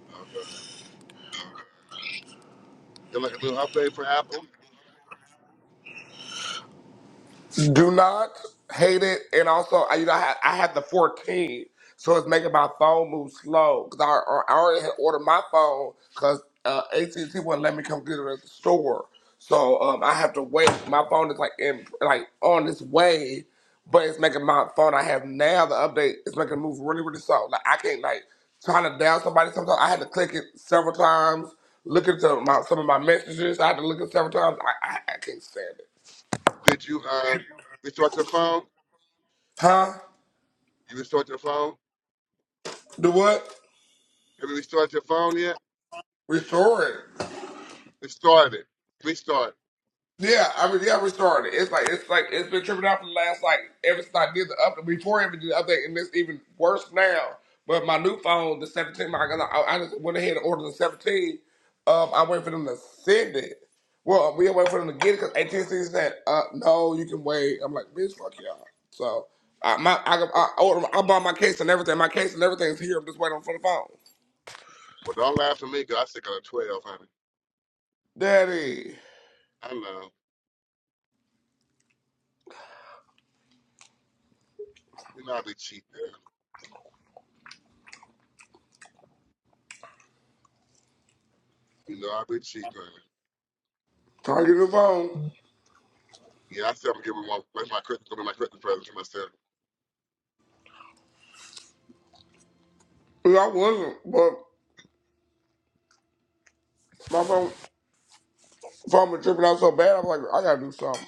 [SPEAKER 1] Okay. And like a little update for Apple.
[SPEAKER 3] Do not hate it, and also I- you know I had, I had the 14, so it's making my phone move slow because I, I already had ordered my phone because uh, AT&T wouldn't let me come get it at the store, so um, I have to wait. My phone is like in like on its way, but it's making my phone I have now the update is making it move really really slow. Like I can't like trying to down somebody sometimes I had to click it several times, look into my some of my messages I had to look at several times. I I, I can't stand it,
[SPEAKER 1] Did you uh, restart your phone?
[SPEAKER 3] huh?
[SPEAKER 1] You restart your phone?
[SPEAKER 3] Do what?
[SPEAKER 1] Have you restarted your phone yet?
[SPEAKER 3] Restore it.
[SPEAKER 1] Restart it. Restart.
[SPEAKER 3] Yeah, I mean, yeah, restore it. It's like it's like it's been tripping out for the last like ever since I did the update before I even did the update, and it's even worse now. But my new phone, the 17, my I, I just went ahead and ordered the 17. Um, I waited for them to send it. Well, we waited for them to get it because AT&T said, uh, "No, you can wait." I'm like, "Bitch, fuck y'all." So I my I I, ordered, I bought my case and everything. My case and everything's here. I'm just waiting for the phone.
[SPEAKER 1] Well, don't laugh at me, me, 'cause I stick on a 12, honey.
[SPEAKER 3] Daddy,
[SPEAKER 1] I know. You know I be cheating. girl. You know I be cheating, honey.
[SPEAKER 3] trying to get the phone.
[SPEAKER 1] Yeah, I said I'm giving one. That's my Christmas, gonna be my Christmas present to myself.
[SPEAKER 3] I wasn't, but my phone. So I'm tripping out so bad. I'm like, I gotta do something.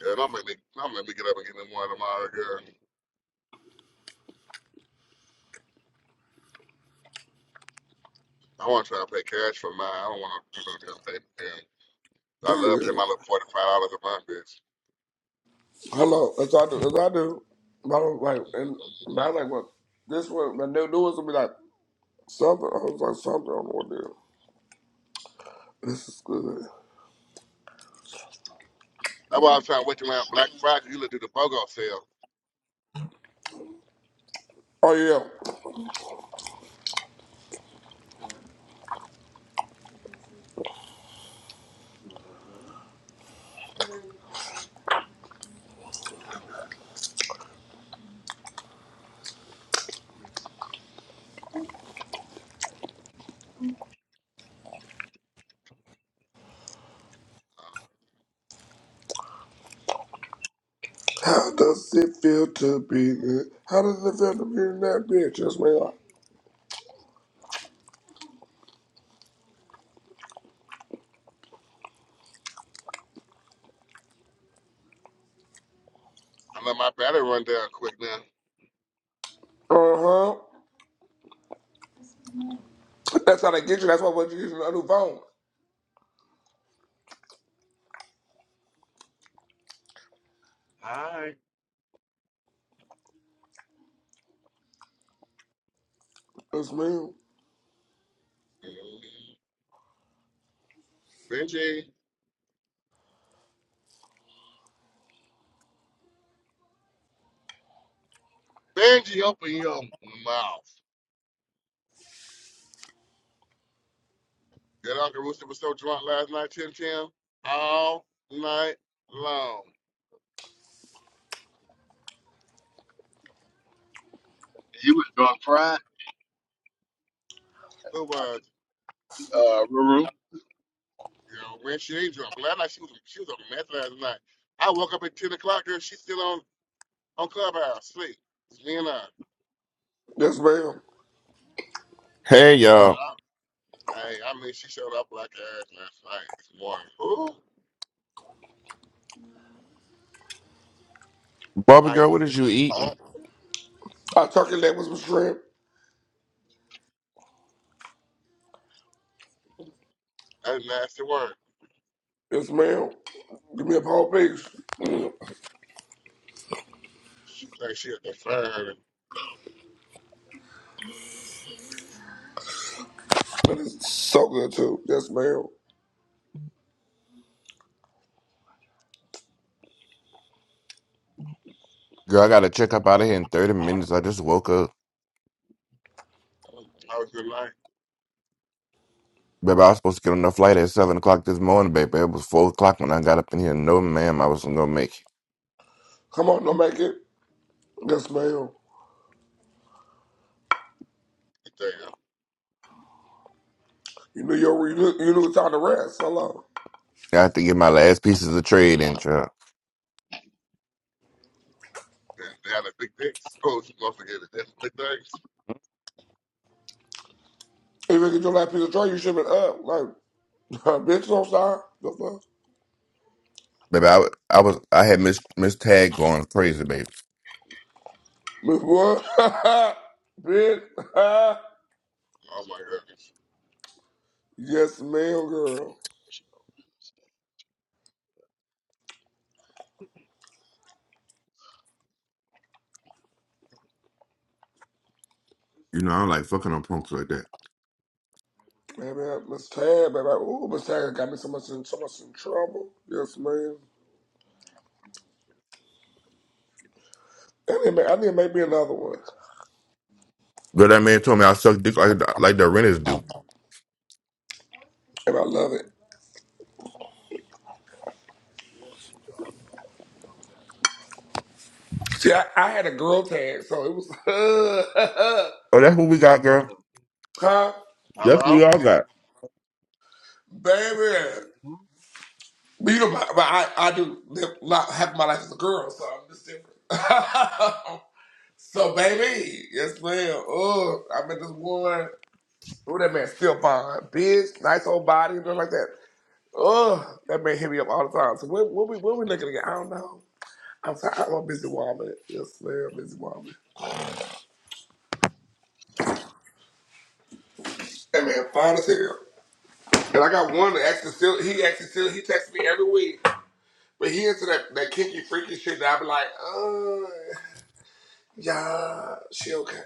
[SPEAKER 1] Yeah, don't make me, don't make me get up and get me one tomorrow, girl. I want to try to pay cash for mine. I don't want to do no damn payment. Yeah. I
[SPEAKER 3] Oh,
[SPEAKER 1] love paying
[SPEAKER 3] yeah.
[SPEAKER 1] my little $45 a month, bitch.
[SPEAKER 3] Hello, that's all I do. That's all I do. But I was like, and but I was like, well, this one, my new new one's gonna be like something. I was like, something. I don't know what to This is good.
[SPEAKER 1] That's why I was trying to wait around Black Friday. You look do the BOGO sale.
[SPEAKER 3] Oh yeah. How does it feel to be? good? How does it feel to be in that bitch? That's me.
[SPEAKER 1] I know my battery run down quick now.
[SPEAKER 3] Uh huh. That's how they get you. That's why when you get a new phone.
[SPEAKER 1] Hi.
[SPEAKER 3] Yes, ma'am.
[SPEAKER 1] Benji. Benji, open your mouth. That Uncle Rooster was so drunk last night, Tim Tim, all night long.
[SPEAKER 2] He was going fried.
[SPEAKER 1] Who
[SPEAKER 2] I
[SPEAKER 1] was?
[SPEAKER 2] think, Uh, Ruru.
[SPEAKER 1] You know, when she ain't drunk. Last night she was she was on meth last night. I woke up at ten o'clock, girl. She's still on on clubhouse sleep. It's me and I.
[SPEAKER 3] Yes, ma'am.
[SPEAKER 4] Hey y'all,
[SPEAKER 1] I, I, I mean, she showed up like her ass last night this morning. Ooh,
[SPEAKER 4] Barbie
[SPEAKER 1] how you
[SPEAKER 4] girl,
[SPEAKER 1] feeling?
[SPEAKER 4] what is you eating?
[SPEAKER 3] I turkey leg with some shrimp.
[SPEAKER 1] That's nasty work.
[SPEAKER 3] Yes, ma'am. Give me a whole piece.
[SPEAKER 1] She think she at the fire.
[SPEAKER 3] But it's so good too. Yes, ma'am.
[SPEAKER 4] Girl, I gotta check up out of here in thirty minutes. I just woke up,
[SPEAKER 1] How was your night
[SPEAKER 4] baby. I was supposed to get on the flight at seven o'clock this morning, baby. It was four o'clock when I got up in here. No, ma'am, I wasn't gonna make it.
[SPEAKER 3] Come on, don't make it. Yes, ma'am.
[SPEAKER 1] today?
[SPEAKER 3] You knew your you knew, you knew it's time to rest. Hello.
[SPEAKER 4] I had to get my last pieces of trade in, child.
[SPEAKER 1] They, they had a big dick. Oh, she must have had a different big dicks.
[SPEAKER 3] If you get your last piece of tray, you should have been up. Like, [LAUGHS] bitch, I'm sorry. The fuck?
[SPEAKER 4] Baby, I, wa- I was, I had Miss Miss Tag going crazy, baby.
[SPEAKER 3] Miss what? [LAUGHS] bitch. [LAUGHS]
[SPEAKER 1] Oh my goodness.
[SPEAKER 3] yes, ma'am, girl.
[SPEAKER 4] You know, I'm like fucking on punks like that.
[SPEAKER 3] Baby, Miss Tag, baby. Ooh, Miss Tag got me so much in so much in trouble. Yes, ma'am. I need, to make, I need to make me another one.
[SPEAKER 4] Girl, that man told me I suck dick like like the renters do.
[SPEAKER 3] And I love it. See, I, I had a girl tag, so it was
[SPEAKER 4] Oh, that's what we got, girl.
[SPEAKER 3] [LAUGHS] huh?
[SPEAKER 4] That's what we
[SPEAKER 1] Hello?
[SPEAKER 4] all got.
[SPEAKER 3] Baby,
[SPEAKER 2] Mhm.
[SPEAKER 3] but you know, but but I, I do live lot, half my life as a girl, so I'm just different. [LAUGHS] so, baby, yes, ma'am. Oh, I met this one. Oh, that man still fine, bitch, nice old body, and stuff like that. Oh, that man hit me up all the time. So, what, what we, what we looking at? I don't know. I'm sorry, I'm a busy woman. Yes, ma'am, busy woman. That man fine as hell. And I got one that actually still, he actually still, he texts me every week. But he into that, that kinky, freaky shit that I be like, uh. Yeah, she okay.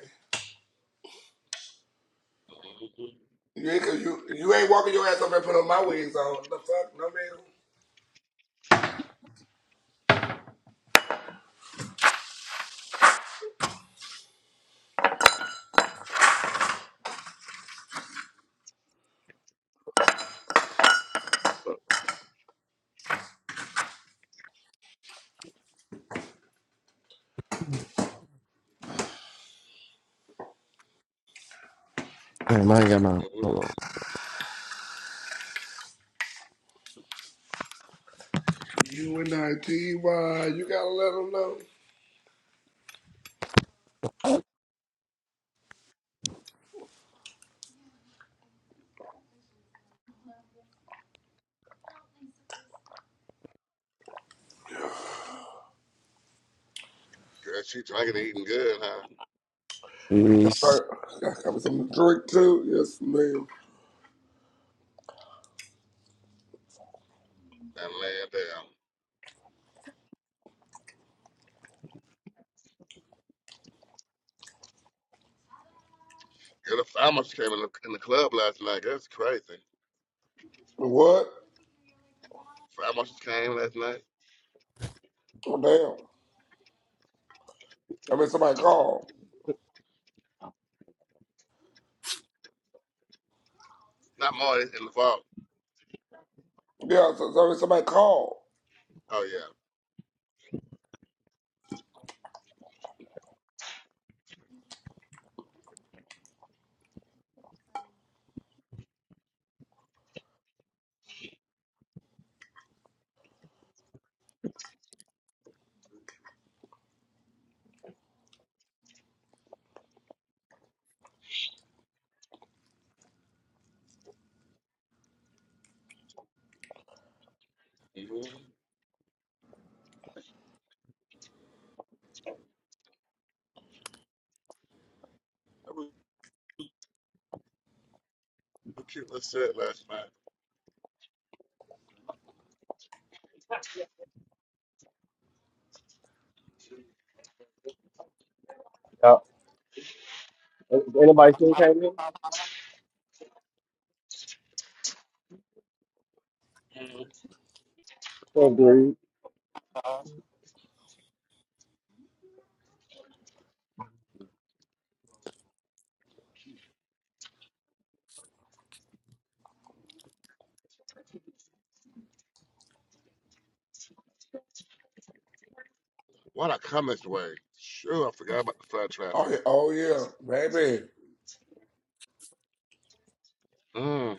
[SPEAKER 3] You ain't you you ain't walking your ass up and putting my wigs on. The fuck, no man.
[SPEAKER 1] Mm-hmm.
[SPEAKER 3] You and I, T Y. You gotta let them know.
[SPEAKER 1] Girl, she drinking and eating good, huh?
[SPEAKER 3] Alright, I got me something to drink too. Yes, ma'am.
[SPEAKER 1] And laying down. Girl, the fire marshal came in the, in the club last night. That's crazy.
[SPEAKER 3] What?
[SPEAKER 1] Fire marshal came last night.
[SPEAKER 3] Oh damn. I mean, somebody called.
[SPEAKER 1] Not more in the vault.
[SPEAKER 3] Yeah, so, so somebody called.
[SPEAKER 1] Oh, yeah. Mm-hmm. That was a cute little set last night.
[SPEAKER 2] Yeah. Is Anybody still came in?
[SPEAKER 1] Mm-hmm.
[SPEAKER 2] Oh, dude.
[SPEAKER 1] What a come way. Sure, I forgot about the flood
[SPEAKER 3] Oh
[SPEAKER 1] traffic.
[SPEAKER 3] yeah, oh yeah, baby.
[SPEAKER 1] Mm.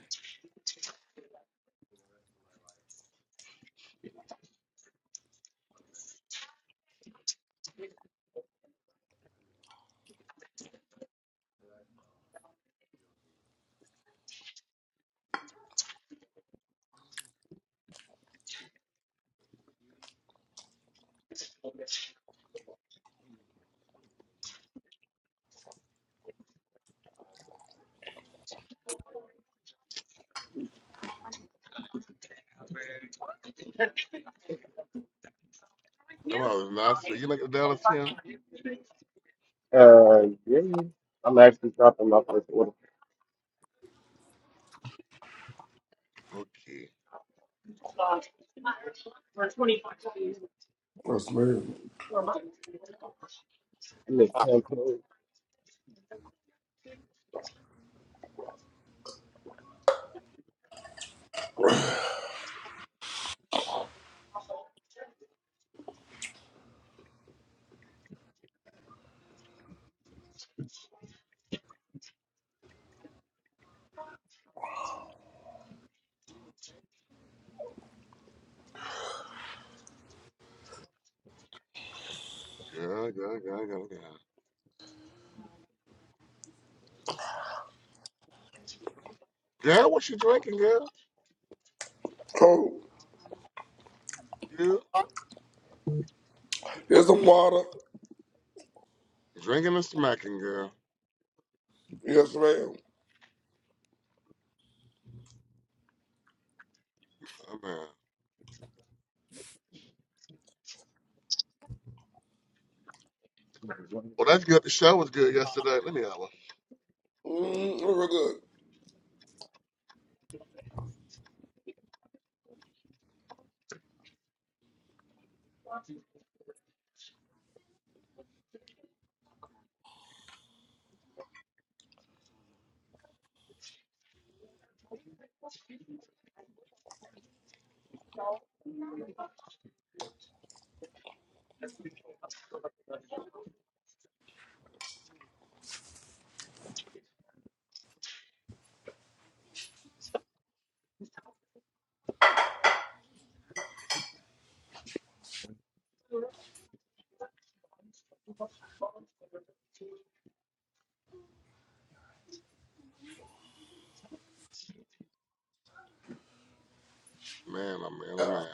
[SPEAKER 1] That was nice. So You make a Dallas here?
[SPEAKER 2] Uh, yeah. I'm actually dropping my first order.
[SPEAKER 1] Okay.
[SPEAKER 3] Yes, ma'am.
[SPEAKER 2] I missed ten pounds.
[SPEAKER 1] Girl, girl, girl, girl, girl. Girl, what you drinking, girl?
[SPEAKER 3] Cool.
[SPEAKER 1] Yeah,
[SPEAKER 3] Here's some water.
[SPEAKER 1] drinking and smacking, girl.
[SPEAKER 3] Yes, ma'am.
[SPEAKER 1] Oh, man. Well, that's good. The show was good yesterday. Let me have a
[SPEAKER 3] Mm, real good.
[SPEAKER 1] man. Oh man. Oh man.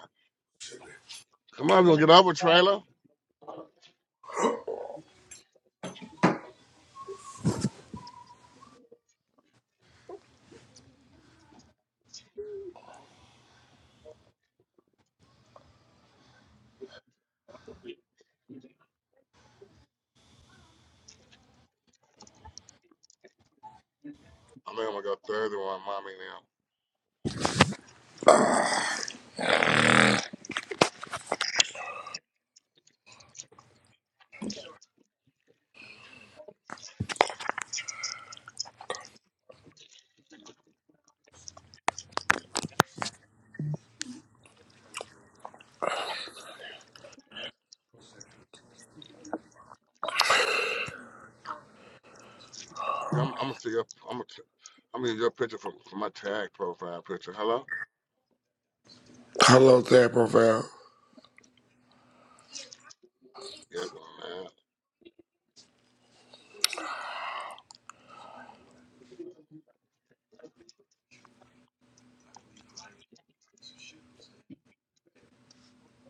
[SPEAKER 1] Come on, we'll get over trailer. I mean, I'm gonna go third one, mommy. Now, Yeah, I'm, I'm gonna see your. I'm gonna. T- I'm gonna get your picture from, from my tag profile picture. Hello.
[SPEAKER 3] Hello, tab profile.
[SPEAKER 1] Yeah, going man.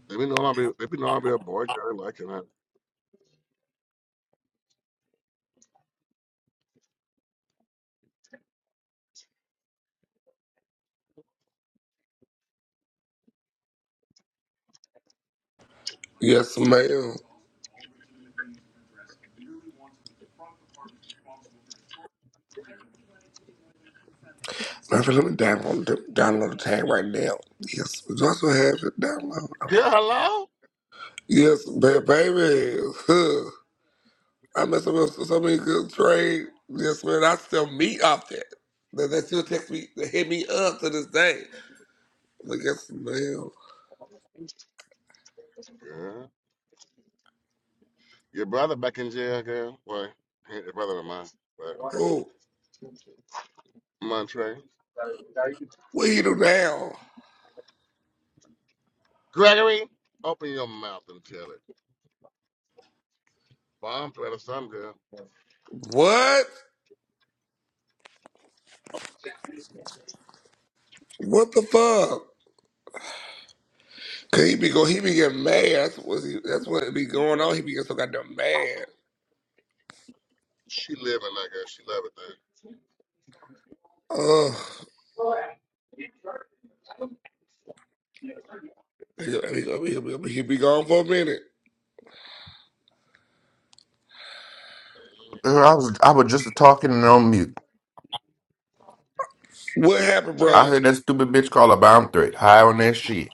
[SPEAKER 1] Let me know I'll be. Let me know I'll be a boy girl liking that.
[SPEAKER 3] Yes, ma'am. My friend, let me download the, download the tag right now. Yes, we also have it download.
[SPEAKER 1] Girl, hello.
[SPEAKER 3] Yes, ba- baby. Huh. I mess up with so many good trades. Yes, man. I still meet off that. They, they still text me, they hit me up to this day. I'm like, yes, man.
[SPEAKER 1] Girl, your brother back in jail, girl. Well, he ain't the brother of mine, but
[SPEAKER 3] Oh,
[SPEAKER 1] Montre.
[SPEAKER 3] what he do now?
[SPEAKER 1] Gregory, open your mouth and tell it. Bomb threat or some girl.
[SPEAKER 3] What? What the fuck? Cause he be go, he be getting mad. That's what he, that's what be going on. He be getting so goddamn mad.
[SPEAKER 1] She living like her. She love it there.
[SPEAKER 3] Ugh. he, he, he, he be gone for a minute.
[SPEAKER 4] Girl, I was, I was just talking and on mute.
[SPEAKER 3] What happened,
[SPEAKER 4] I
[SPEAKER 1] Tell
[SPEAKER 3] brother?
[SPEAKER 1] it.
[SPEAKER 4] heard that stupid bitch call a bomb threat. High on that shit.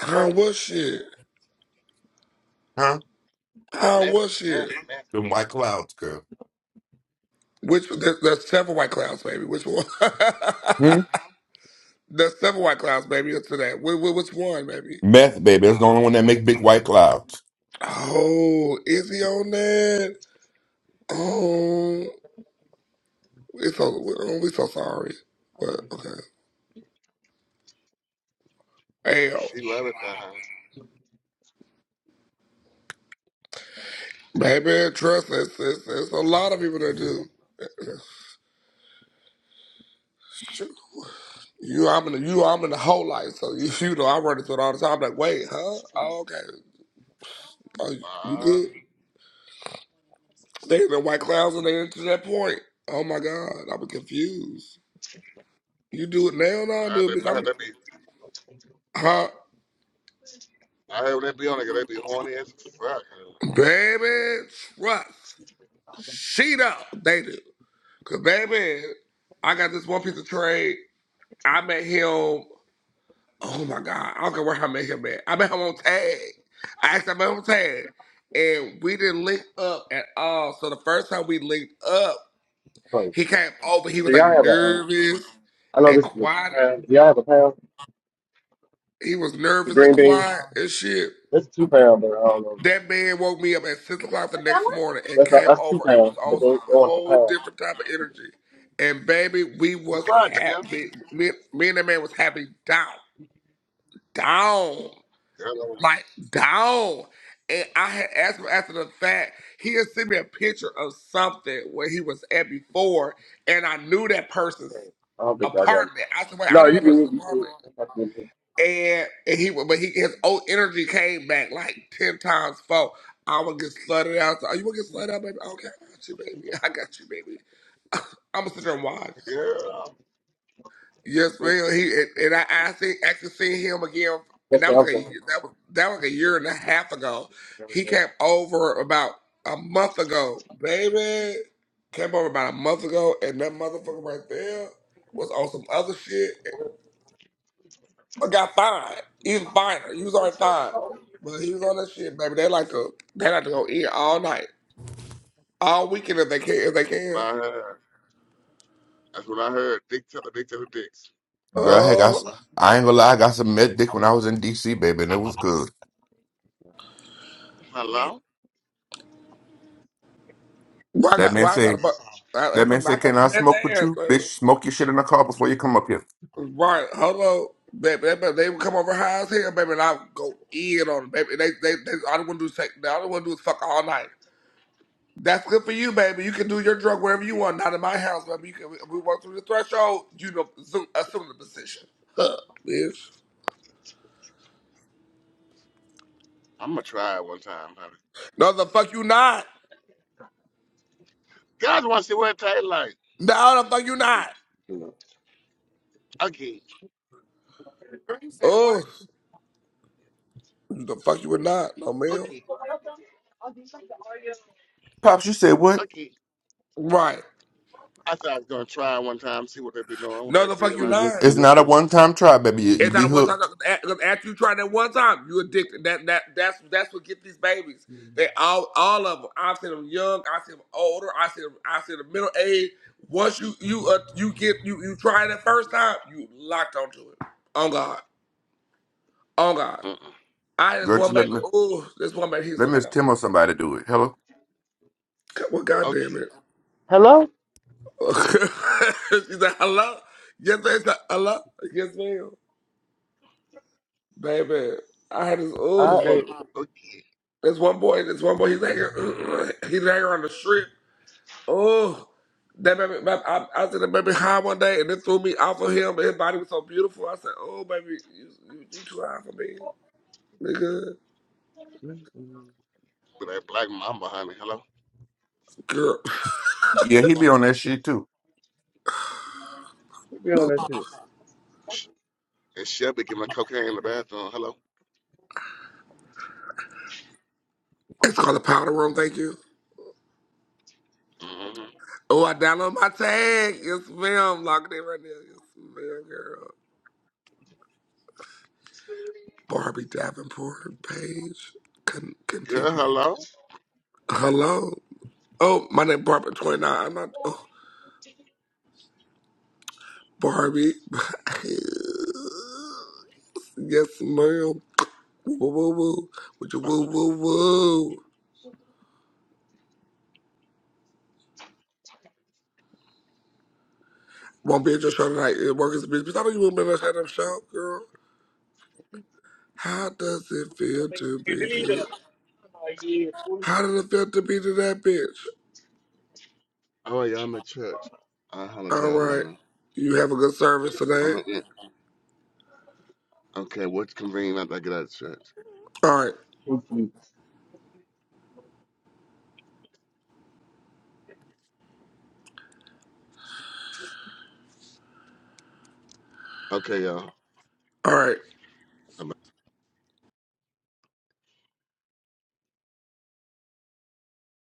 [SPEAKER 3] How was she?
[SPEAKER 4] Huh?
[SPEAKER 3] How
[SPEAKER 1] Meth,
[SPEAKER 3] was
[SPEAKER 1] meth,
[SPEAKER 3] she?
[SPEAKER 1] meth,
[SPEAKER 4] Them white
[SPEAKER 1] meth.
[SPEAKER 4] clouds, girl.
[SPEAKER 3] Which there, there's several white clouds, baby. Which one? [LAUGHS]
[SPEAKER 4] Hmm?
[SPEAKER 3] there's several white clouds, baby. Up to that. Which, which one, baby?
[SPEAKER 4] Meth, baby. That's the only one that make big white clouds.
[SPEAKER 3] Oh, is he on that? Oh, it's so oh, we so sorry, but okay. Hell,
[SPEAKER 1] She love it there, honey.
[SPEAKER 3] baby, trust us. It's, it's, it's a lot of people that do. Shoot. You, I'm in the you, I'm in the whole life, so you, [LAUGHS] you know I run into it all the time. I'm like, wait, huh? Oh, okay. Are you
[SPEAKER 1] Uh,
[SPEAKER 3] good? Staying in the white clouds and they to that point. Oh my God, I'm confused. You do it now, no,
[SPEAKER 1] I had
[SPEAKER 3] do
[SPEAKER 1] that,
[SPEAKER 3] it.
[SPEAKER 1] I had
[SPEAKER 3] I'm,
[SPEAKER 1] that be,
[SPEAKER 3] huh?
[SPEAKER 1] I had that be on it. 'cause They be horny as fuck. huh?
[SPEAKER 3] Baby, trust. She know they do. Cause baby, I got this one piece of trade. I met him. Oh my God, I don't care where I met him at. I met him on tag. I asked him about him on tag, and we didn't link up at all. So the first time we linked up,
[SPEAKER 2] Do
[SPEAKER 3] he came over. He was like
[SPEAKER 2] y'all have a?
[SPEAKER 3] nervous
[SPEAKER 2] I know
[SPEAKER 3] and
[SPEAKER 2] this is
[SPEAKER 3] quiet.
[SPEAKER 2] a pound. Y'all have a pound?
[SPEAKER 3] He was
[SPEAKER 2] The
[SPEAKER 3] nervous and
[SPEAKER 2] green beans?
[SPEAKER 3] quiet and shit.
[SPEAKER 2] That's two pound, but I don't know.
[SPEAKER 3] That man woke me up at six o'clock the next morning and
[SPEAKER 2] That's not,
[SPEAKER 3] came
[SPEAKER 2] that's two
[SPEAKER 3] over and was
[SPEAKER 2] pound, but
[SPEAKER 3] on
[SPEAKER 2] they,
[SPEAKER 3] some
[SPEAKER 2] they want a
[SPEAKER 3] whole
[SPEAKER 2] pound.
[SPEAKER 3] different type of energy. And baby, we
[SPEAKER 1] Be
[SPEAKER 3] was
[SPEAKER 1] quiet, yeah.
[SPEAKER 3] happy. Me, me and that man was happy down, down,
[SPEAKER 1] Hello.
[SPEAKER 3] like down. And I had asked him after the fact. He had sent me a picture of something where he was at before, and I knew that person's
[SPEAKER 2] Right. I don't think I got it.
[SPEAKER 3] apartment. I said, "Wait, I
[SPEAKER 2] No,
[SPEAKER 3] know
[SPEAKER 2] you
[SPEAKER 3] that
[SPEAKER 2] can,
[SPEAKER 3] person's
[SPEAKER 2] you can.
[SPEAKER 3] apartment." and, and he would- but he his old energy came back like ten times four. I'm gonna get slutted out. So, oh, you wanna get slutted out, baby? Okay, I got you, baby. [LAUGHS] I got you, baby. I'm gonna sit there and watch.
[SPEAKER 1] Yeah.
[SPEAKER 3] Yes, man. He and, and I, I see, actually seen him again, and
[SPEAKER 2] That's
[SPEAKER 3] that
[SPEAKER 2] the
[SPEAKER 3] was like a
[SPEAKER 2] answer.
[SPEAKER 3] year- that was that was like a year and a half ago.
[SPEAKER 2] Excuse
[SPEAKER 3] He
[SPEAKER 2] me,
[SPEAKER 3] came over about a month ago, baby. Came over about a month ago, and that motherfucker right there was on some other shit. But got fined. He was fined. He was already fined. But he was on that shit, baby. They like to they like to go in all night. All weekend if they can if they
[SPEAKER 1] What
[SPEAKER 3] can.
[SPEAKER 1] I heard. That's what I heard. Dick to the dick to the dicks.
[SPEAKER 4] Girl, I got, s-
[SPEAKER 3] Oh
[SPEAKER 4] I ain't gonna lie, I got some meth dick when I was in DC, baby, and it was good.
[SPEAKER 1] Hello?
[SPEAKER 3] well, I
[SPEAKER 4] That
[SPEAKER 3] got
[SPEAKER 4] man
[SPEAKER 3] well I got
[SPEAKER 4] say,
[SPEAKER 3] a bu- I,
[SPEAKER 4] that
[SPEAKER 3] that's a, I,
[SPEAKER 4] man say,
[SPEAKER 3] got- got
[SPEAKER 4] can I
[SPEAKER 3] some meth
[SPEAKER 4] smoke with
[SPEAKER 3] ass,
[SPEAKER 4] you?
[SPEAKER 3] baby.
[SPEAKER 4] Bitch, smoke your shit in the car before you come up here.
[SPEAKER 3] Right, hello. Baby, they, they, they would come over high as hell, baby, and I would go in on them, baby. They, they, they, all they want to do is take, all they want to do is fuck all night. That's good for you, baby. You can do your drug wherever you want, not in my house, baby. You can, we, we walk through the threshold, you know, assume, assume the position. Huh, bitch.
[SPEAKER 1] I'm gonna try it one time, honey.
[SPEAKER 3] No, the fuck you not.
[SPEAKER 1] Guys want to see what it tastes like.
[SPEAKER 3] No, the fuck you not.
[SPEAKER 1] Okay,
[SPEAKER 4] Girl, you said what?
[SPEAKER 3] Oh, the fuck you would not. No, ma'am.
[SPEAKER 1] okay,
[SPEAKER 4] Pops, you said what?
[SPEAKER 1] okay.
[SPEAKER 3] Right.
[SPEAKER 1] I thought I was gonna try it one time, see what they be doing, what
[SPEAKER 3] No,
[SPEAKER 1] they
[SPEAKER 3] the fuck
[SPEAKER 1] feel
[SPEAKER 3] you
[SPEAKER 1] like.
[SPEAKER 3] not.
[SPEAKER 2] excuse
[SPEAKER 4] It's
[SPEAKER 2] me,
[SPEAKER 4] not a
[SPEAKER 2] excuse me.
[SPEAKER 4] one time try, baby. You, you
[SPEAKER 3] It's
[SPEAKER 4] be
[SPEAKER 3] not a one time.
[SPEAKER 4] hooked.
[SPEAKER 3] 'cause After you try that one time, you addicted. That that that's that's what get these babies. They all all of them. I've seen them young. I've seen them older. I see them. I see them middle age. Once you you uh, you get you you try it that first time, you locked onto it. On God. On God.
[SPEAKER 1] Mm-mm.
[SPEAKER 3] I had this
[SPEAKER 4] Girl,
[SPEAKER 3] one
[SPEAKER 4] just let,
[SPEAKER 3] baby.
[SPEAKER 4] me-
[SPEAKER 3] Oh, this one baby. He's
[SPEAKER 4] let
[SPEAKER 3] so
[SPEAKER 4] Miss
[SPEAKER 3] goddamn.
[SPEAKER 4] Tim or somebody do it. Hello?
[SPEAKER 3] Well, goddamn it.
[SPEAKER 1] Okay,
[SPEAKER 2] Hello?
[SPEAKER 3] [LAUGHS] she said, hello? Yes, ma'am. said, hello? Yes, ma'am. Baby, I had this, oh,
[SPEAKER 2] I,
[SPEAKER 3] this
[SPEAKER 2] eh,
[SPEAKER 3] one,
[SPEAKER 1] okay.
[SPEAKER 3] this one boy, this one boy, he's hanging, [CLEARS THROAT] he's hanging on the strip. Oh, that baby, baby I, I was in the baby high one day and it threw me off of him, but his body was so beautiful. I said, oh, baby, you, you, you too high for me. Nigga,
[SPEAKER 1] with that black mama, honey. Hello.
[SPEAKER 3] girl.
[SPEAKER 4] Yeah, he be on that shit too.
[SPEAKER 2] should be on
[SPEAKER 3] [SNIFFS]
[SPEAKER 2] that
[SPEAKER 3] [LAUGHS]
[SPEAKER 2] shit.
[SPEAKER 1] Sh- And Shelby giving her cocaine in the bathroom. Hello.
[SPEAKER 3] It's called the powder room, thank you.
[SPEAKER 1] hmm
[SPEAKER 3] Oh, I download my tag. Yes, ma'am. Locked in right now. Yes, ma'am, girl. Barbie Davenport Page. Con-
[SPEAKER 1] Girl,
[SPEAKER 3] continue.
[SPEAKER 1] hello.
[SPEAKER 3] Hello. Oh, my name Barbara Twenty Nine. I'm not. Oh, Barbie. [LAUGHS] yes, ma'am. Woo woo woo. woo. Would you woo woo woo. Won't be at your show tonight. It work is a bitch. Bitch, I know you won't be at that damn show, girl. How does it feel to be good? How does it feel to be to that bitch?
[SPEAKER 1] Oh, yeah, I'm at church. I'll holler at
[SPEAKER 3] All
[SPEAKER 1] y'all
[SPEAKER 3] right.
[SPEAKER 1] later.
[SPEAKER 3] You have a good service
[SPEAKER 1] I'm
[SPEAKER 3] today.
[SPEAKER 1] at, yeah. Okay, what's convenient after I get out of church?
[SPEAKER 3] All right.
[SPEAKER 1] Okay, y'all.
[SPEAKER 3] All right.